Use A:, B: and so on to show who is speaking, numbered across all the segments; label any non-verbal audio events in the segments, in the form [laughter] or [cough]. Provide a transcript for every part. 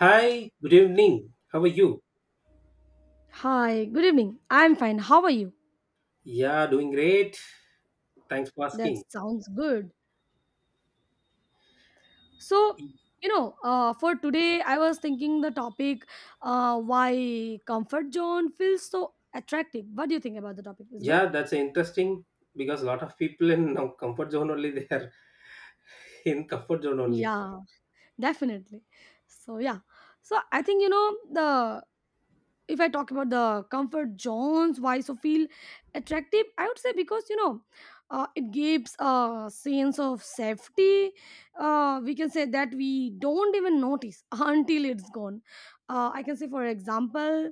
A: Hi, good evening. How are you?
B: Hi, good evening. I'm fine. How are you?
A: Yeah, doing great. Thanks for
B: That
A: asking.
B: sounds good. So, for today, I was thinking the topic why comfort zone feels so attractive. What do you think about the topic? Is good?
A: Yeah, that's interesting because a lot of people in now comfort zone only [laughs] they are in comfort zone only.
B: Yeah, definitely. So, yeah. So, I think, you know, the if I talk about the comfort zones, why so feel attractive, I would say because it gives a sense of safety. We can say that we don't even notice [laughs] until it's gone. I can say, for example,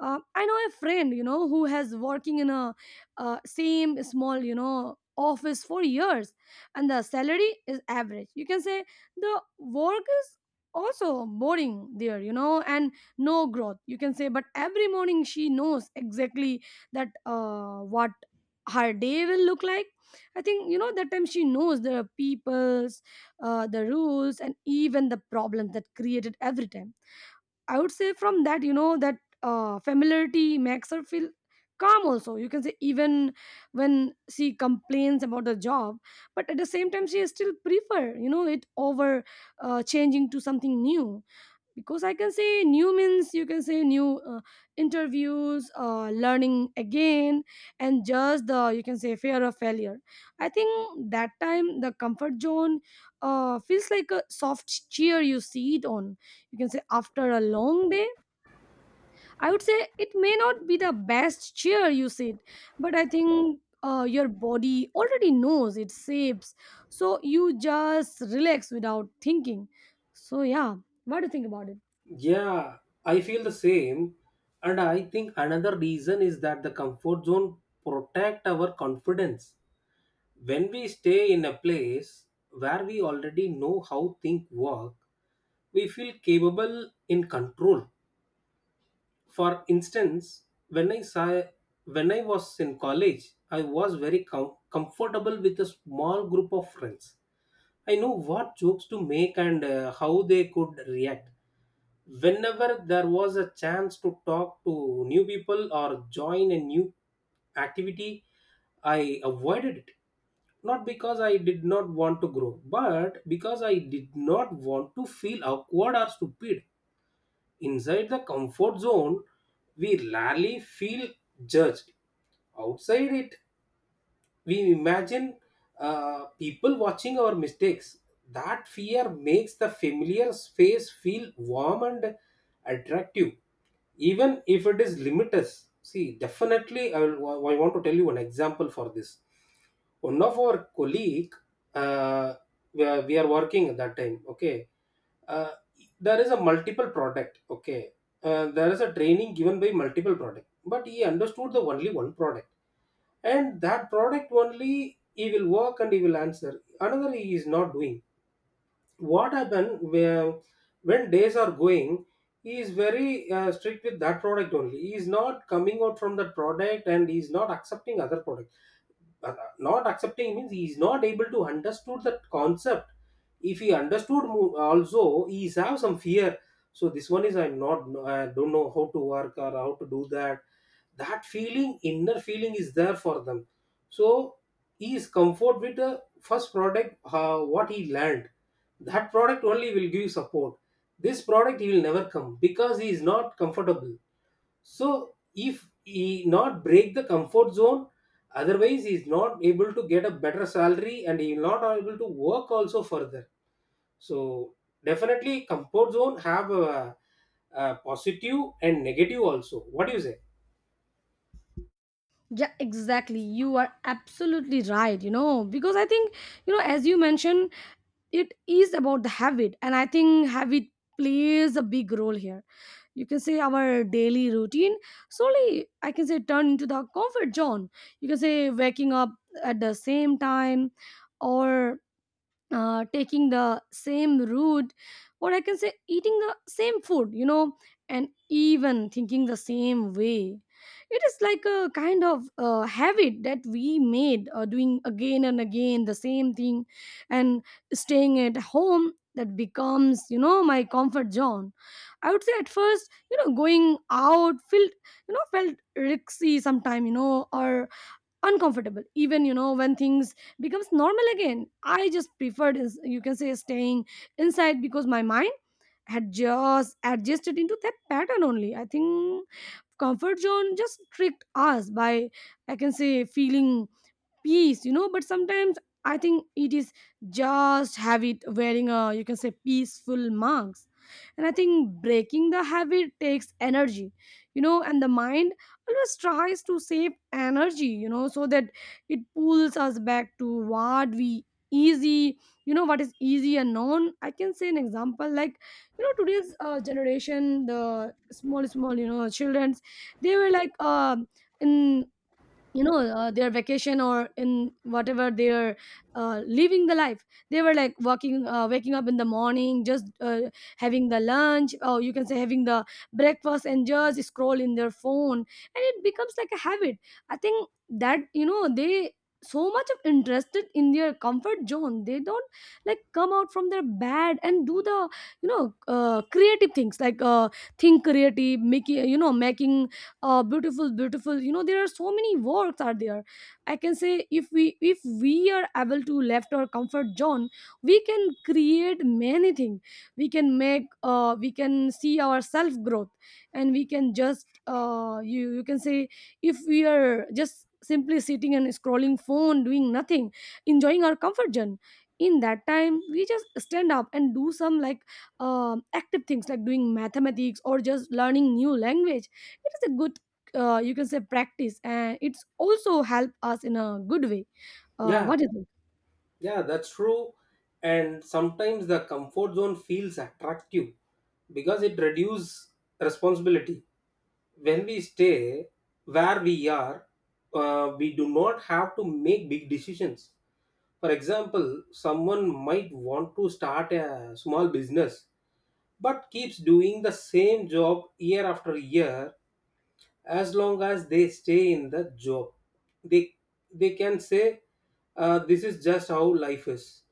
B: I know a friend who has working in a same small office for years, and the salary is average. You can say the work is also boring there, and no growth you can say, but every morning she knows exactly that what her day will look like. I think that time she knows the people's, the rules and even the problems that created every time. I would say from that that familiarity makes her feel calm also, you can say, even when she complains about the job, but at the same time she still prefer it over, changing to something new, because I can say new means, you can say, new interviews, learning again, and just the, you can say, fear of failure. I think that time the comfort zone feels like a soft chair you sit on, you can say, after a long day. I would say it may not be the best chair you sit, but I think your body already knows it's safe, so you just relax without thinking. So yeah, what do you think about it?
A: Yeah, I feel the same. And I think another reason is that the comfort zone protect our confidence. When we stay in a place where we already know how things work, we feel capable in control. For instance, when I saw, when I was in college, I was very comfortable with a small group of friends. I know what jokes to make and how they could react. Whenever there was a chance to talk to new people or join a new activity, I avoided it, not because I did not want to grow, but because I did not want to feel awkward or stupid. Inside the comfort zone, we rarely feel judged. Outside it, we imagine people watching our mistakes. That fear makes the familiar space feel warm and attractive, even if it is limited. See, definitely, I want to tell you an example for this. One of our colleague, uh, we are working at that time. Okay, uh, there is a multiple product. Okay, there is a training given by multiple product, but he understood the only one product, and that product only he will work, and he will answer another he is not doing. What happen where when days are going, he is very strict with that product only. He is not coming out from that product and he is not accepting other product. Not accepting means he is not able to understood that concept. If he understood also, he is have some fear. So this one is, I'm not no, I don't know how to work or how to do that. That feeling, inner feeling is there for them. So he is comfort with the first product, what he learned. That product only will give support. This product he will never come because he is not comfortable. So if he not break the comfort zone, otherwise he's not able to get a better salary and he's not able to work also further. So definitely comfort zone have a positive and negative also. What do you say?
B: Yeah, exactly, you are absolutely right, because I think, as you mentioned, it is about the habit, and I think habit plays a big role here. You can say our daily routine slowly, I can say, turn into the comfort zone. You can say waking up at the same time, or taking the same route, or I can say eating the same food, and even thinking the same way. It is like a kind of habit that we made, doing again and again the same thing, and staying at home, that becomes, my comfort zone. I would say at first, going out felt risky sometime, or uncomfortable, even, when things becomes normal again, I just preferred is, you can say, staying inside, because my mind had just adjusted into that pattern only. I think comfort zone just tricked us by, I can say, feeling peace, but sometimes I think it is just habit wearing a, you can say, peaceful mask. And I think breaking the habit takes energy, and the mind always tries to save energy, so that it pulls us back to what we easy, what is easy and known. I can say an example like, today's generation, the small small children's, they were like, in, their vacation, or in whatever they're living the life, they were like walking waking up in the morning, just having the lunch, or you can say having the breakfast, and just scroll in their phone, and it becomes like a habit. I think that they so much of interested in their comfort zone, they don't like come out from their bed and do the, creative things, like think creative, making beautiful beautiful, there are so many works are there. I can say if we are able to left our comfort zone, we can create many things. We can make we can see our self growth, and we can just you can say if we are just simply sitting and scrolling phone doing nothing, enjoying our comfort zone, in that time we just stand up and do some, like, active things, like doing mathematics or just learning new language. It is a good, you can say, practice, and it's also help us in a good way.
A: Yeah,
B: What do you think?
A: yeah, that's true. And sometimes the comfort zone feels attractive because it reduces responsibility. When we stay where we are, we do not have to make big decisions. For example, someone might want to start a small business but keeps doing the same job year after year, as long as they stay in the job. They, they can say, this is just how life is.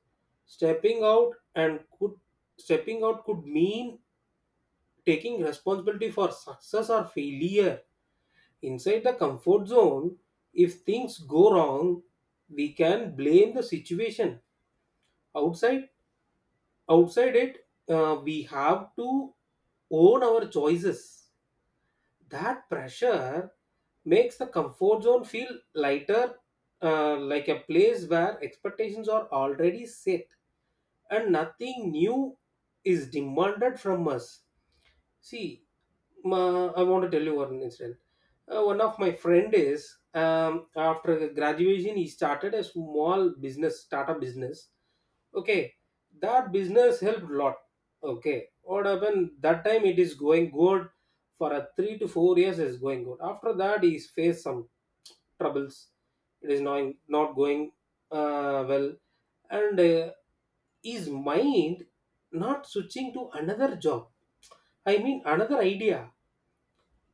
A: Stepping out and could Stepping out could mean taking responsibility for success or failure. Inside the comfort zone, if things go wrong, we can blame the situation. Outside outside it, we have to own our choices. That pressure makes the comfort zone feel lighter, like a place where expectations are already set and nothing new is demanded from us. See, ma, I want to tell you one incident. One of my friend is, after graduation, he started a small business, startup business. Okay, that business helped lot. Okay, what happened? That time it is going good for a 3 to 4 years. Is going good. After that, he's faced some troubles. It is not going well, and his mind not switching to another job, I mean, another idea.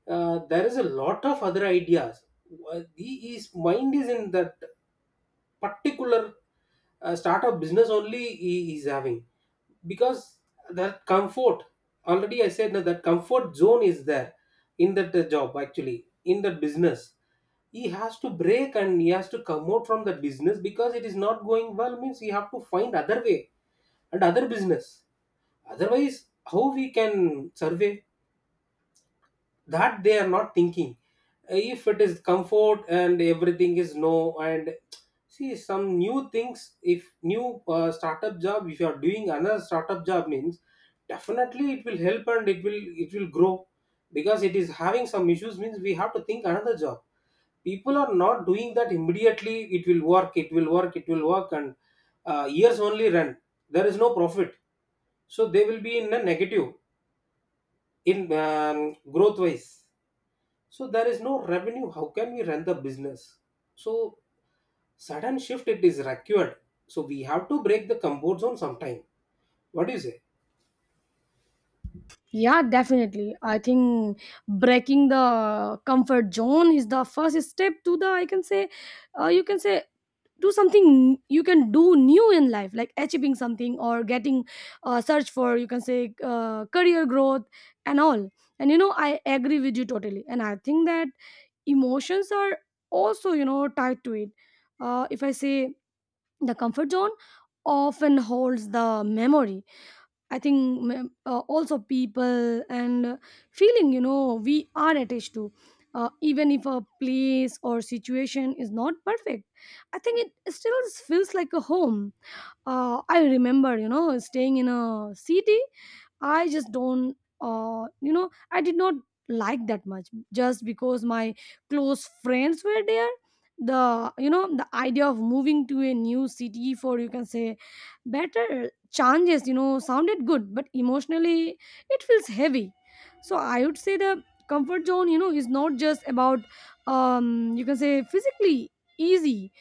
A: There is a lot of other ideas. He, his mind is in that particular startup business only he is having because that comfort. Already, I said that that comfort zone is there in that job, actually in that business. He has to break and he has to come out from that business because it is not going well. Means he have to find other way and other business. Otherwise, how we can survive? That they are not thinking. If it is comfort and everything is no, and see some new things. If new startup job, if you are doing another startup job means definitely it will help and it will grow, because it is having some issues means we have to think another job. People are not doing that. Immediately it will work, it will work, it will work, and years only run, there is no profit. So they will be in a negative in growth wise. So there is no revenue. How can we run the business? So sudden shift it is required. So we have to break the comfort zone sometime. What do you say?
B: Yeah, definitely. I think breaking the comfort zone is the first step to the, I can say, you can say, do something you can do new in life, like achieving something, or getting, search for, you can say, career growth and all. And, I agree with you totally, and I think that emotions are also, tied to it. If I say the comfort zone often holds the memory, I think, also people, and feeling, we are attached to, even if a place or situation is not perfect, I think it still feels like a home. I remember, staying in a city I just don't, you know, I did not like that much, just because my close friends were there. The idea of moving to a new city for, you can say, better changes, sounded good, but emotionally it feels heavy. So I would say the comfort zone is not just about, you can say, physically easy.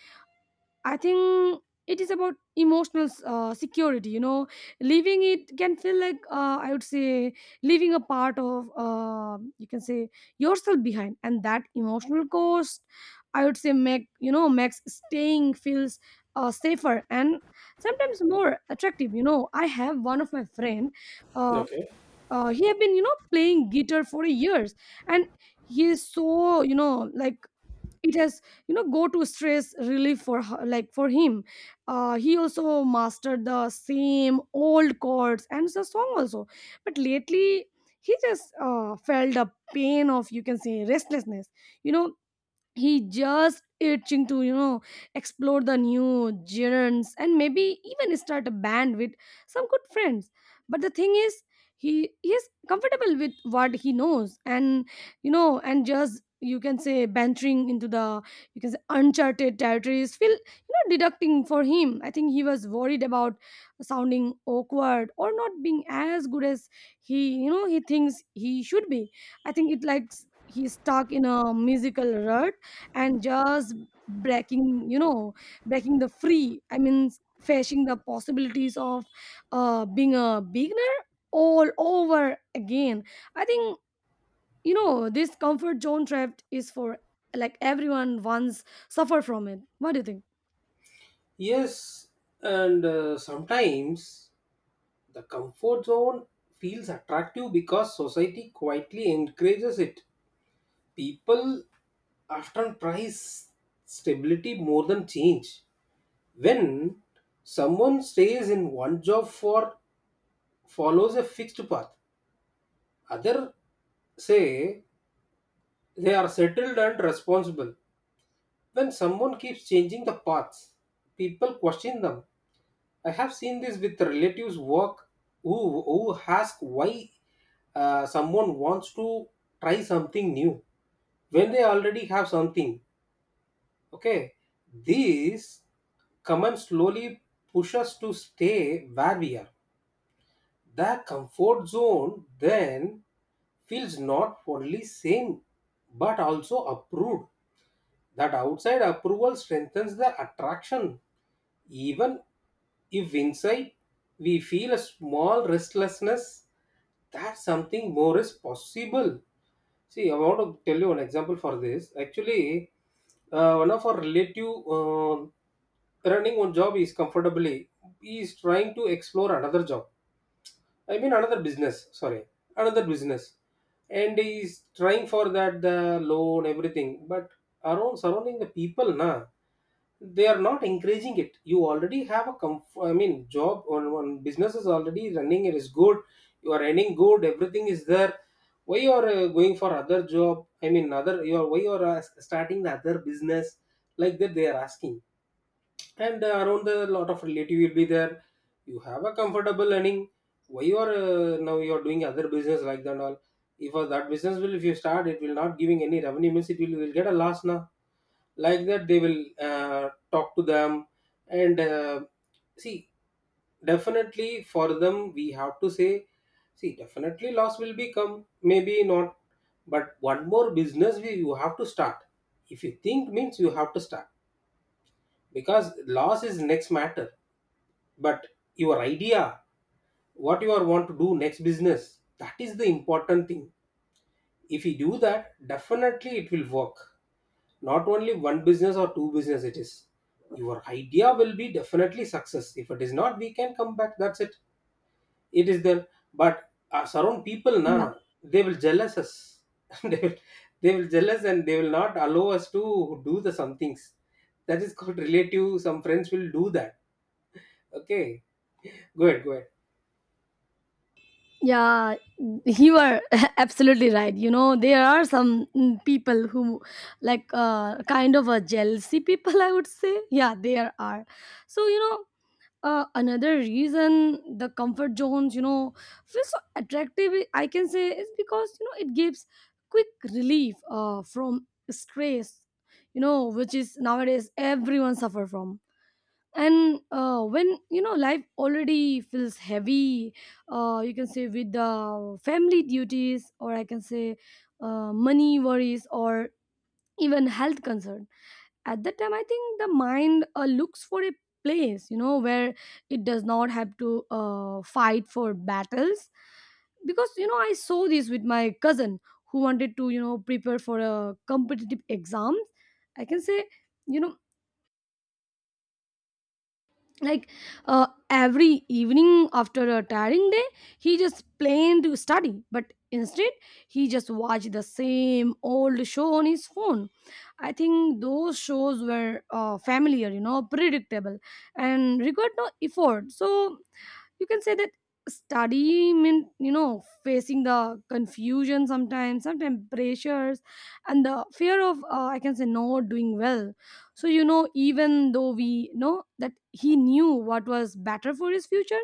B: I think it is about emotional security. Leaving it can feel like, I would say, leaving a part of, you can say, yourself behind, and that emotional cost, I would say, makes staying feels safer and sometimes more attractive. I have one of my friend. Uh,
A: Okay.
B: he have been, playing guitar for years, and he is so, like, it has, go to stress relief, like for him. He also mastered the same old chords and the song also, but lately he just felt the pain of, you can say, restlessness. you know he just itching to, explore the new genres, and maybe even start a band with some good friends. But the thing is he is comfortable with what he knows, and, and just, you can say, venturing into the, you can say, uncharted territories, feel deducting for him. I think he was worried about sounding awkward or not being as good as he you know he thinks he should be. I think it likes he's stuck in a musical rut, and just breaking you know breaking the free, I mean, facing the possibilities of, being a beginner all over again. I think, this comfort zone trap is for, like, everyone once suffer from it. What do you think?
A: Yes, and sometimes the comfort zone feels attractive because society quietly encourages it. People often prize stability more than change. When someone stays in one job, for follows a fixed path, other say they are settled and responsible. When someone keeps changing the paths, people question them. I have seen this with relatives work who ask why someone wants to try something new when they already have something. Okay, these comments slowly push us to stay where we are. The comfort zone then feels not only same but also approved. That outside approval strengthens the attraction. Even if inside we feel a small restlessness, that something more is possible. See, I want to tell you an example for this. Actually, one of our relative running one job is comfortably, he is trying to explore another job. I mean another business, sorry, another business, and he's trying for that the loan everything, but around surrounding the people na, they are not encouraging it. You already have a I mean job on one business is already running. It is good. You are earning good. Everything is there. Why you are going for other job? I mean other, you are why you are starting the other business like that? They are asking, and around the lot of relative will be there. You have a comfortable earning, why you are now you are doing other business like that and all? If that business will, if you start, it will not giving any revenue means it will get a loss now, like that they will talk to them. And see definitely for them we have to say, see definitely loss will be come maybe not, but one more business we you have to start. If you think means you have to start, because loss is next matter. But your idea, what you are want to do next business, that is the important thing. If you do that, definitely it will work. Not only one business or two business, it is your idea will be definitely success. If it is not, we can come back, that's it. It is there. But surround people na,
B: Yeah,
A: they will jealous us [laughs] they will they will jealous, and they will not allow us to do the some things. That is called relative, some friends will do that. Okay, go ahead, go ahead.
B: yeah, you are [laughs] absolutely right, there are some, people who, like, kind of a jealousy people, I would say. Yeah, there are. So, another reason the comfort zones feel so attractive, I can say, is because, it gives quick relief, from stress, which is nowadays everyone suffer from. And when, life already feels heavy, you can say, with the family duties, or I can say, money worries, or even health concerns, at that time I think the mind looks for a place, where it does not have to, fight for battles. Because, I saw this with my cousin who wanted to, prepare for a competitive exams, I can say, you know like every evening after a tiring day, he just planned to study, but instead he just watched the same old show on his phone. I think those shows were familiar, predictable, and required no effort, so you can say that study mean, facing the confusion, sometimes pressures, and the fear of, I can say, not doing well. So, even though we know that he knew what was better for his future,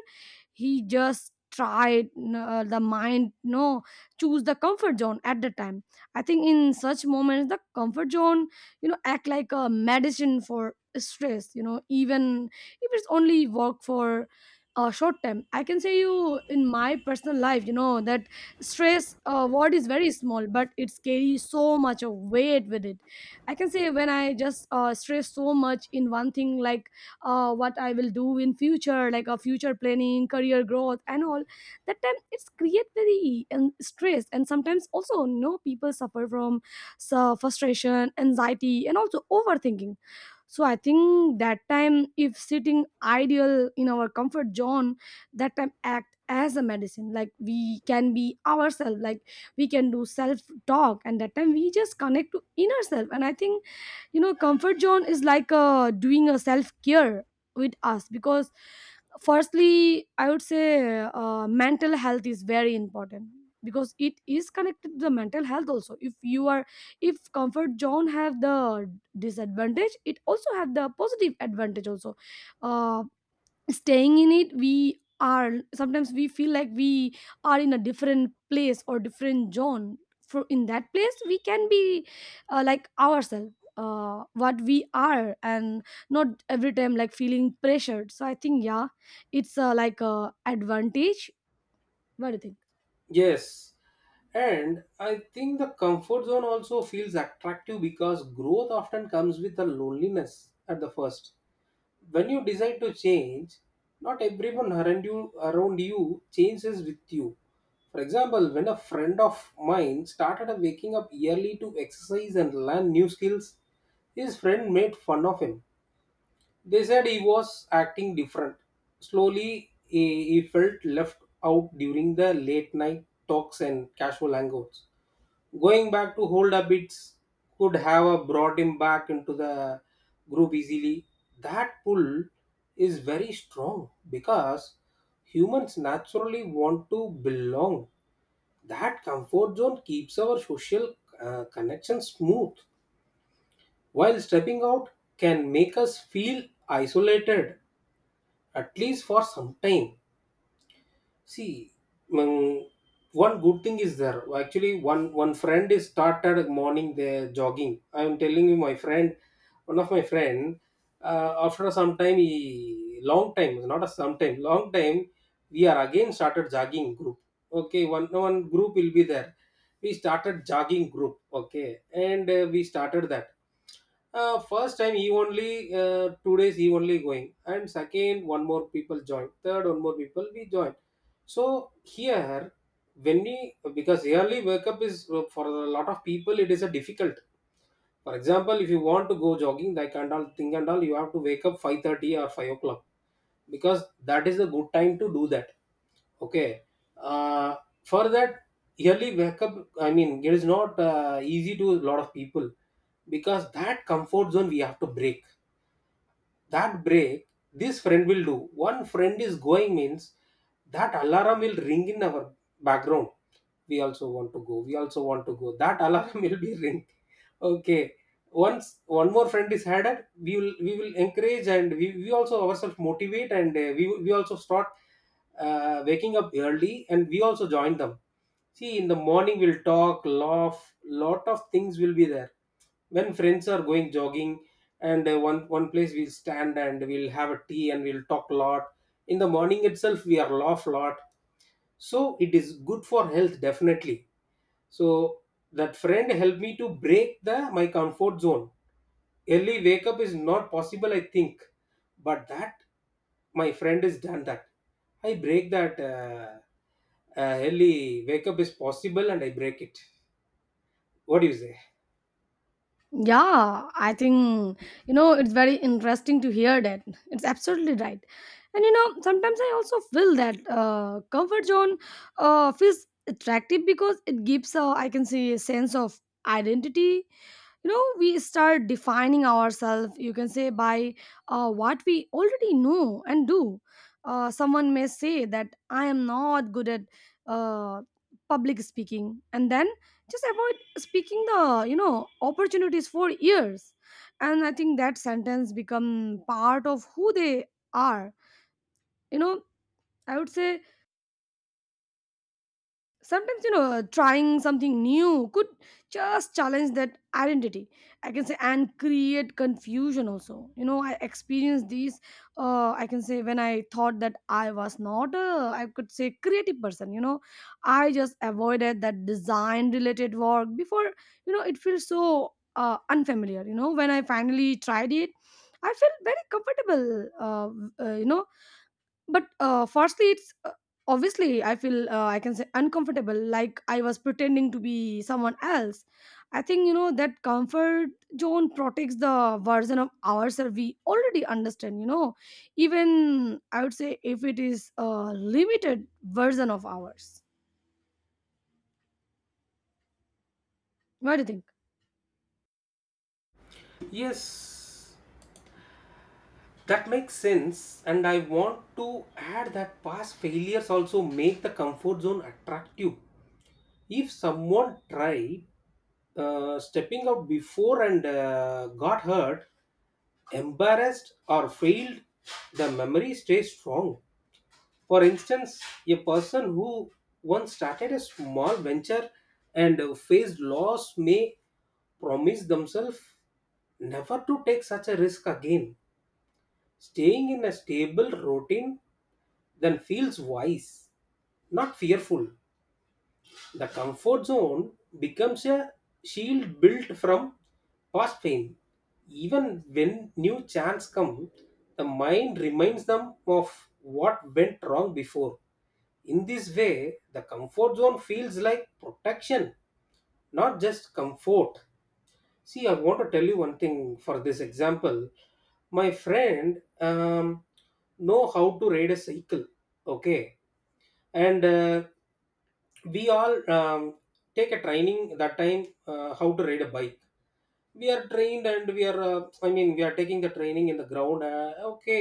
B: he just tried, the mind no choose the comfort zone at the time. I think in such moments the comfort zone act like a medicine for stress, even if it's only work for, short term. I can say, you, in my personal life, that stress word is very small, but it carries so much of weight with it. I can say when I just stress so much in one thing, like, what I will do in future, like a future planning, career growth and all. That time it's create very and stress, and sometimes also no, people suffer from so, frustration, anxiety, and also overthinking. So I think that time if sitting ideal in our Comfort zone that time act as a medicine, like we can be ourselves, like we can do self talk, and that time we just connect to inner self. And I think comfort zone is like doing a self care with us. Because firstly I would say mental health is very important, because it is connected to the mental health also. If you are, if comfort zone have the disadvantage, it also have the positive advantage also. uh, Staying in it, we are sometimes we feel like we are in a different place or different zone. For in that place we can be like ourselves, what we are, and not every time like feeling pressured. So I think, yeah, it's like a advantage. What do you think?
A: Yes, and I think the comfort zone also feels attractive because growth often comes with a loneliness at the first. When you decide to change, not everyone around you changes with you. For example, when a friend of mine started waking up early to exercise and learn new skills, his friend made fun of him. They said he was acting different. Slowly, he felt left out during the late night talks and casual hangouts. Going back to old habits could have brought him back into the group easily. That pull is very strong because humans naturally want to belong. That comfort zone keeps our social connection smooth, while stepping out can make us feel isolated, at least for some time. See. mm, One good thing is there. Actually, one friend is started morning there jogging. I'm telling you, my friend, one of my friend, after some time, he long time, not a some time, long time, we are again started jogging group. Okay. One group will be there. We started jogging group. Okay. And we started that. First time he only 2 days he only going, and second one more people join, third one more people we join. So here, when we, because early wake up is for a lot of people, it is a difficult. For example, if you want to go jogging, like, and all thing and all, you have to wake up 5:30 or 5 o'clock, because that is a good time to do that. Okay. uh, for that, early wake up, I mean, it is not easy to a lot of people, because that comfort zone we have to break. That break, this friend will do. One friend is going means that alarm will ring in our background. We also want to go, we also want to go, that alarm [laughs] will be ring. Okay. Once one more friend is added, we will encourage, and we also ourselves motivate, and we also start waking up early, and we also join them. See, in the morning we'll talk, laugh, lot of things will be there when friends are going jogging. And one place we'll stand, and we'll have a tea, and we'll talk a lot. In the morning itself we are laugh lot. So it is good for health, definitely. So that friend helped me to break the my comfort zone. Early wake up is not possible, I think. But that, my friend has done that. I break that early wake up is possible, and I break it. What do you say?
B: Yeah, I think it's very interesting to hear that. It's absolutely right, and sometimes I also feel that comfort zone feels attractive because it gives, I can say, a sense of identity. You know, we start defining ourselves, you can say, by what we already know and do. Someone may say that I am not good at uh, public speaking, and then just avoid speaking the opportunities for years. And I think that sentence become part of who they are, you know. I would say sometimes, you know, trying something new could just challenge that identity, I can say, and create confusion also. You know, I experienced these I can say when I thought that I was not a I could say creative person, you know. I just avoided that design related work before. You know, it feels so unfamiliar. You know, when I finally tried it, I felt very comfortable. uh, you know, but firstly, it's obviously I feel, I can say, uncomfortable, like I was pretending to be someone else. I think, you know, that comfort zone protects the version of ourselves we already understand. You know, even I would say if it is a limited version of ours. What do you think?
A: Yes, that makes sense. And I want to add that past failures also make the comfort zone attractive. If someone tried, stepping out before and got hurt, embarrassed, or failed, the memory stays strong. For instance, a person who once started a small venture and faced loss may promise themselves never to take such a risk again. Staying in a stable routine then feels wise, not fearful. The comfort zone becomes a shield built from past pain. Even when new chance come, the mind reminds them of what went wrong before. In this way, the comfort zone feels like protection, not just comfort. See, I want to tell you one thing for this example. My friend know how to ride a cycle, okay, and we all take a training that time, how to ride a bike. We are trained, and we are I mean, we are taking the training in the ground, okay.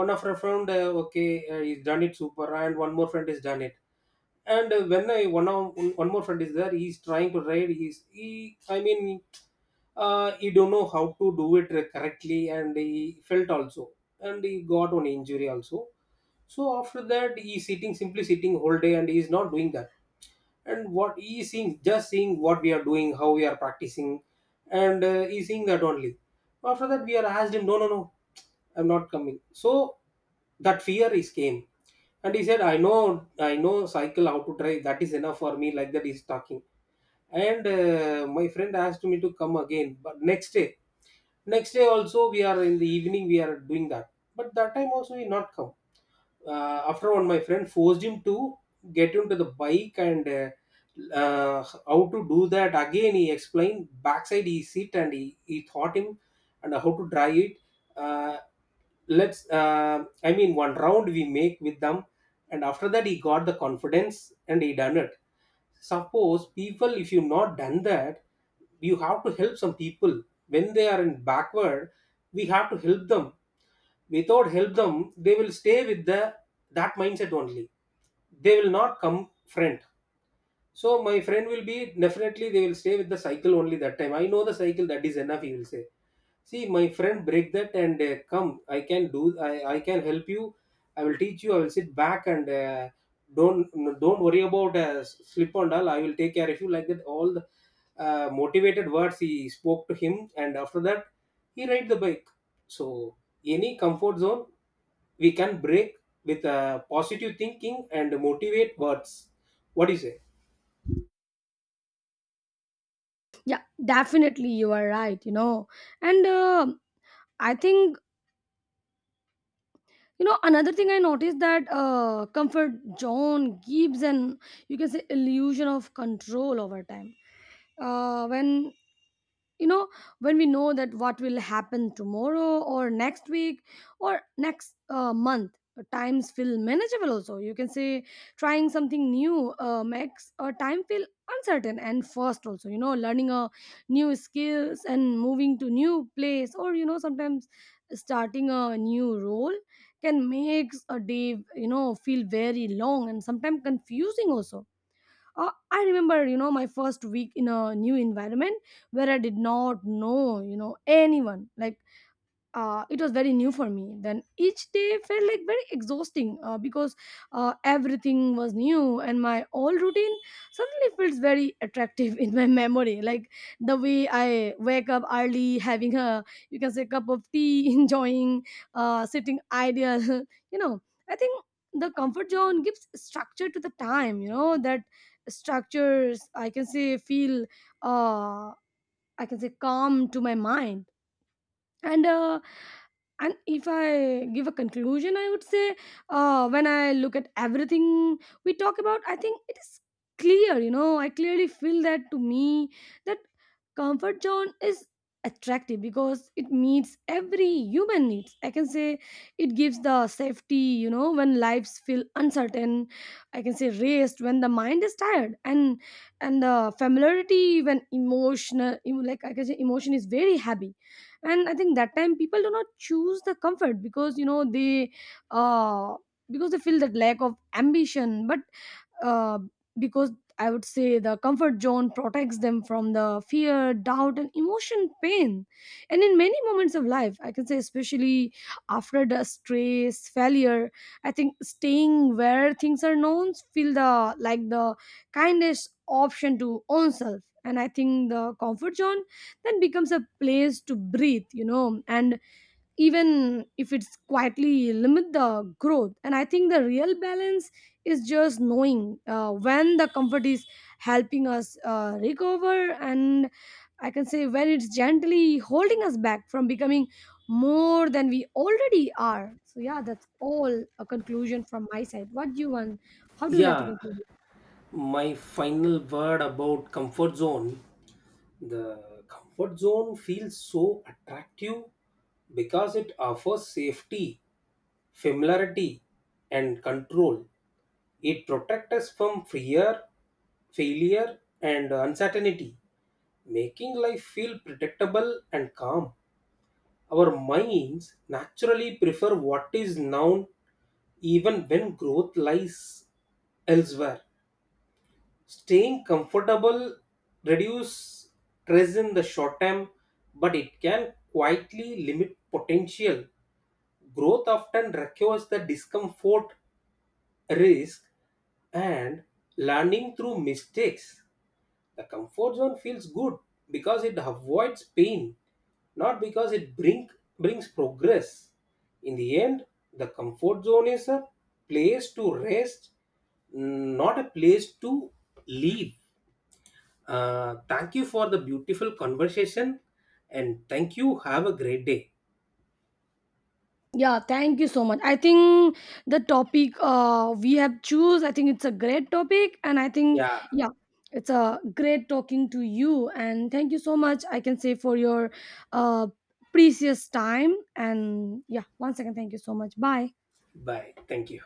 A: One of our friend, okay, he's done it super, and one more friend has done it. And when I, one of one more friend is there, he's trying to ride. He's, he, I mean, he don't know how to do it correctly, and he felt also, and he got one injury also. So after that, he's sitting, simply sitting whole day, and he's not doing that. And what he is seeing, just seeing what we are doing, how we are practicing. And he's seeing that only. After that, we are asked him, no, no, no, I'm not coming. So that fear is came, and he said, I know cycle how to drive. That is enough for me. Like that, he's talking. And my friend asked me to come again, but next day also, we are in the evening we are doing that. But that time also he not come. After one, my friend forced him to get into the bike, and how to do that again he explained. Backside he sit, and he taught him, and how to drive it. uh, let's, I mean, one round we make with them. And after that, he got the confidence, and he done it. Suppose people, if you not done that, you have to help some people when they are in backward. We have to help them. Without help them, they will stay with the that mindset only. They will not come, friend. So my friend will be, definitely they will stay with the cycle only. That time, I know the cycle, that is enough, he will say. See, my friend, break that and come. I can do. I can help you. I will teach you. I will sit back, and don't don't worry about slip and all. I will take care of you, like that. All the motivated words he spoke to him, and after that, he ride the bike. So any comfort zone we can break with positive thinking and motivate words. What do you say?
B: Yeah, definitely you are right. You know, and I think, you know, another thing I noticed that comfort zone gives an, you can say, illusion of control over time. When, you know, when we know that what will happen tomorrow or next week or next month, times feel manageable also, you can say. Trying something new makes a time feel uncertain and first also, you know, learning a new skills and moving to new place or, you know, sometimes starting a new role can makes a day, you know, feel very long and sometimes confusing also. I remember, you know, my first week in a new environment where I did not know, you know, anyone. Like, it was very new for me. Then each day felt like very exhausting, because everything was new and my old routine suddenly feels very attractive [laughs] in my memory, like the way I wake up early, having a, you can say, cup of tea, [laughs] enjoying, sitting ideal. [laughs] You know, I think the comfort zone gives structure to the time, you know. That structures, I can say, feel uh, I can say calm to my mind. And and if I give a conclusion, I would say when I look at everything we talk about, I think it is clear. You know, I clearly feel that to me that comfort zone is attractive because it meets every human needs, I can say. It gives the safety, you know, when lives feel uncertain. I can say rest when the mind is tired, and the familiarity when emotional, like, I can say, emotion is very heavy. And I think that time people do not choose the comfort because, you know, they uh because they feel that lack of ambition. But uh, because I would say the comfort zone protects them from the fear, doubt, and emotion pain. And in many moments of life, I can say, especially after the stress, failure, I think staying where things are known feel the like the kindest option to own self. And I think the comfort zone then becomes a place to breathe, you know, and even if it's quietly limit the growth. And I think the real balance is just knowing when the comfort is helping us recover, and I can say when it's gently holding us back from becoming more than we already are. So yeah, that's all a conclusion from my side. What do you want? How do you like to
A: Yeah,
B: conclude?
A: my final word about comfort zone, the comfort zone feels so attractive because it offers safety, familiarity, and control. It protects us from fear, failure, and uncertainty, making life feel predictable and calm. Our minds naturally prefer what is known, even when growth lies elsewhere. Staying comfortable reduce stress in the short term, but it can quietly limit potential. Growth often requires the discomfort, risk, and learning through mistakes. The comfort zone feels good because it avoids pain, not because it brings progress. In the end, the comfort zone is a place to rest, not a place to live. Thank you for the beautiful conversation, and thank you. Have a great day.
B: Yeah, thank you so much. I think the topic we have choose, I think it's a great topic, and I think,
A: Yeah.
B: yeah, it's a great talking to you. And thank you so much, I can say, for your uh, precious time. And yeah, once again, thank you so much. Bye.
A: Bye. Thank you.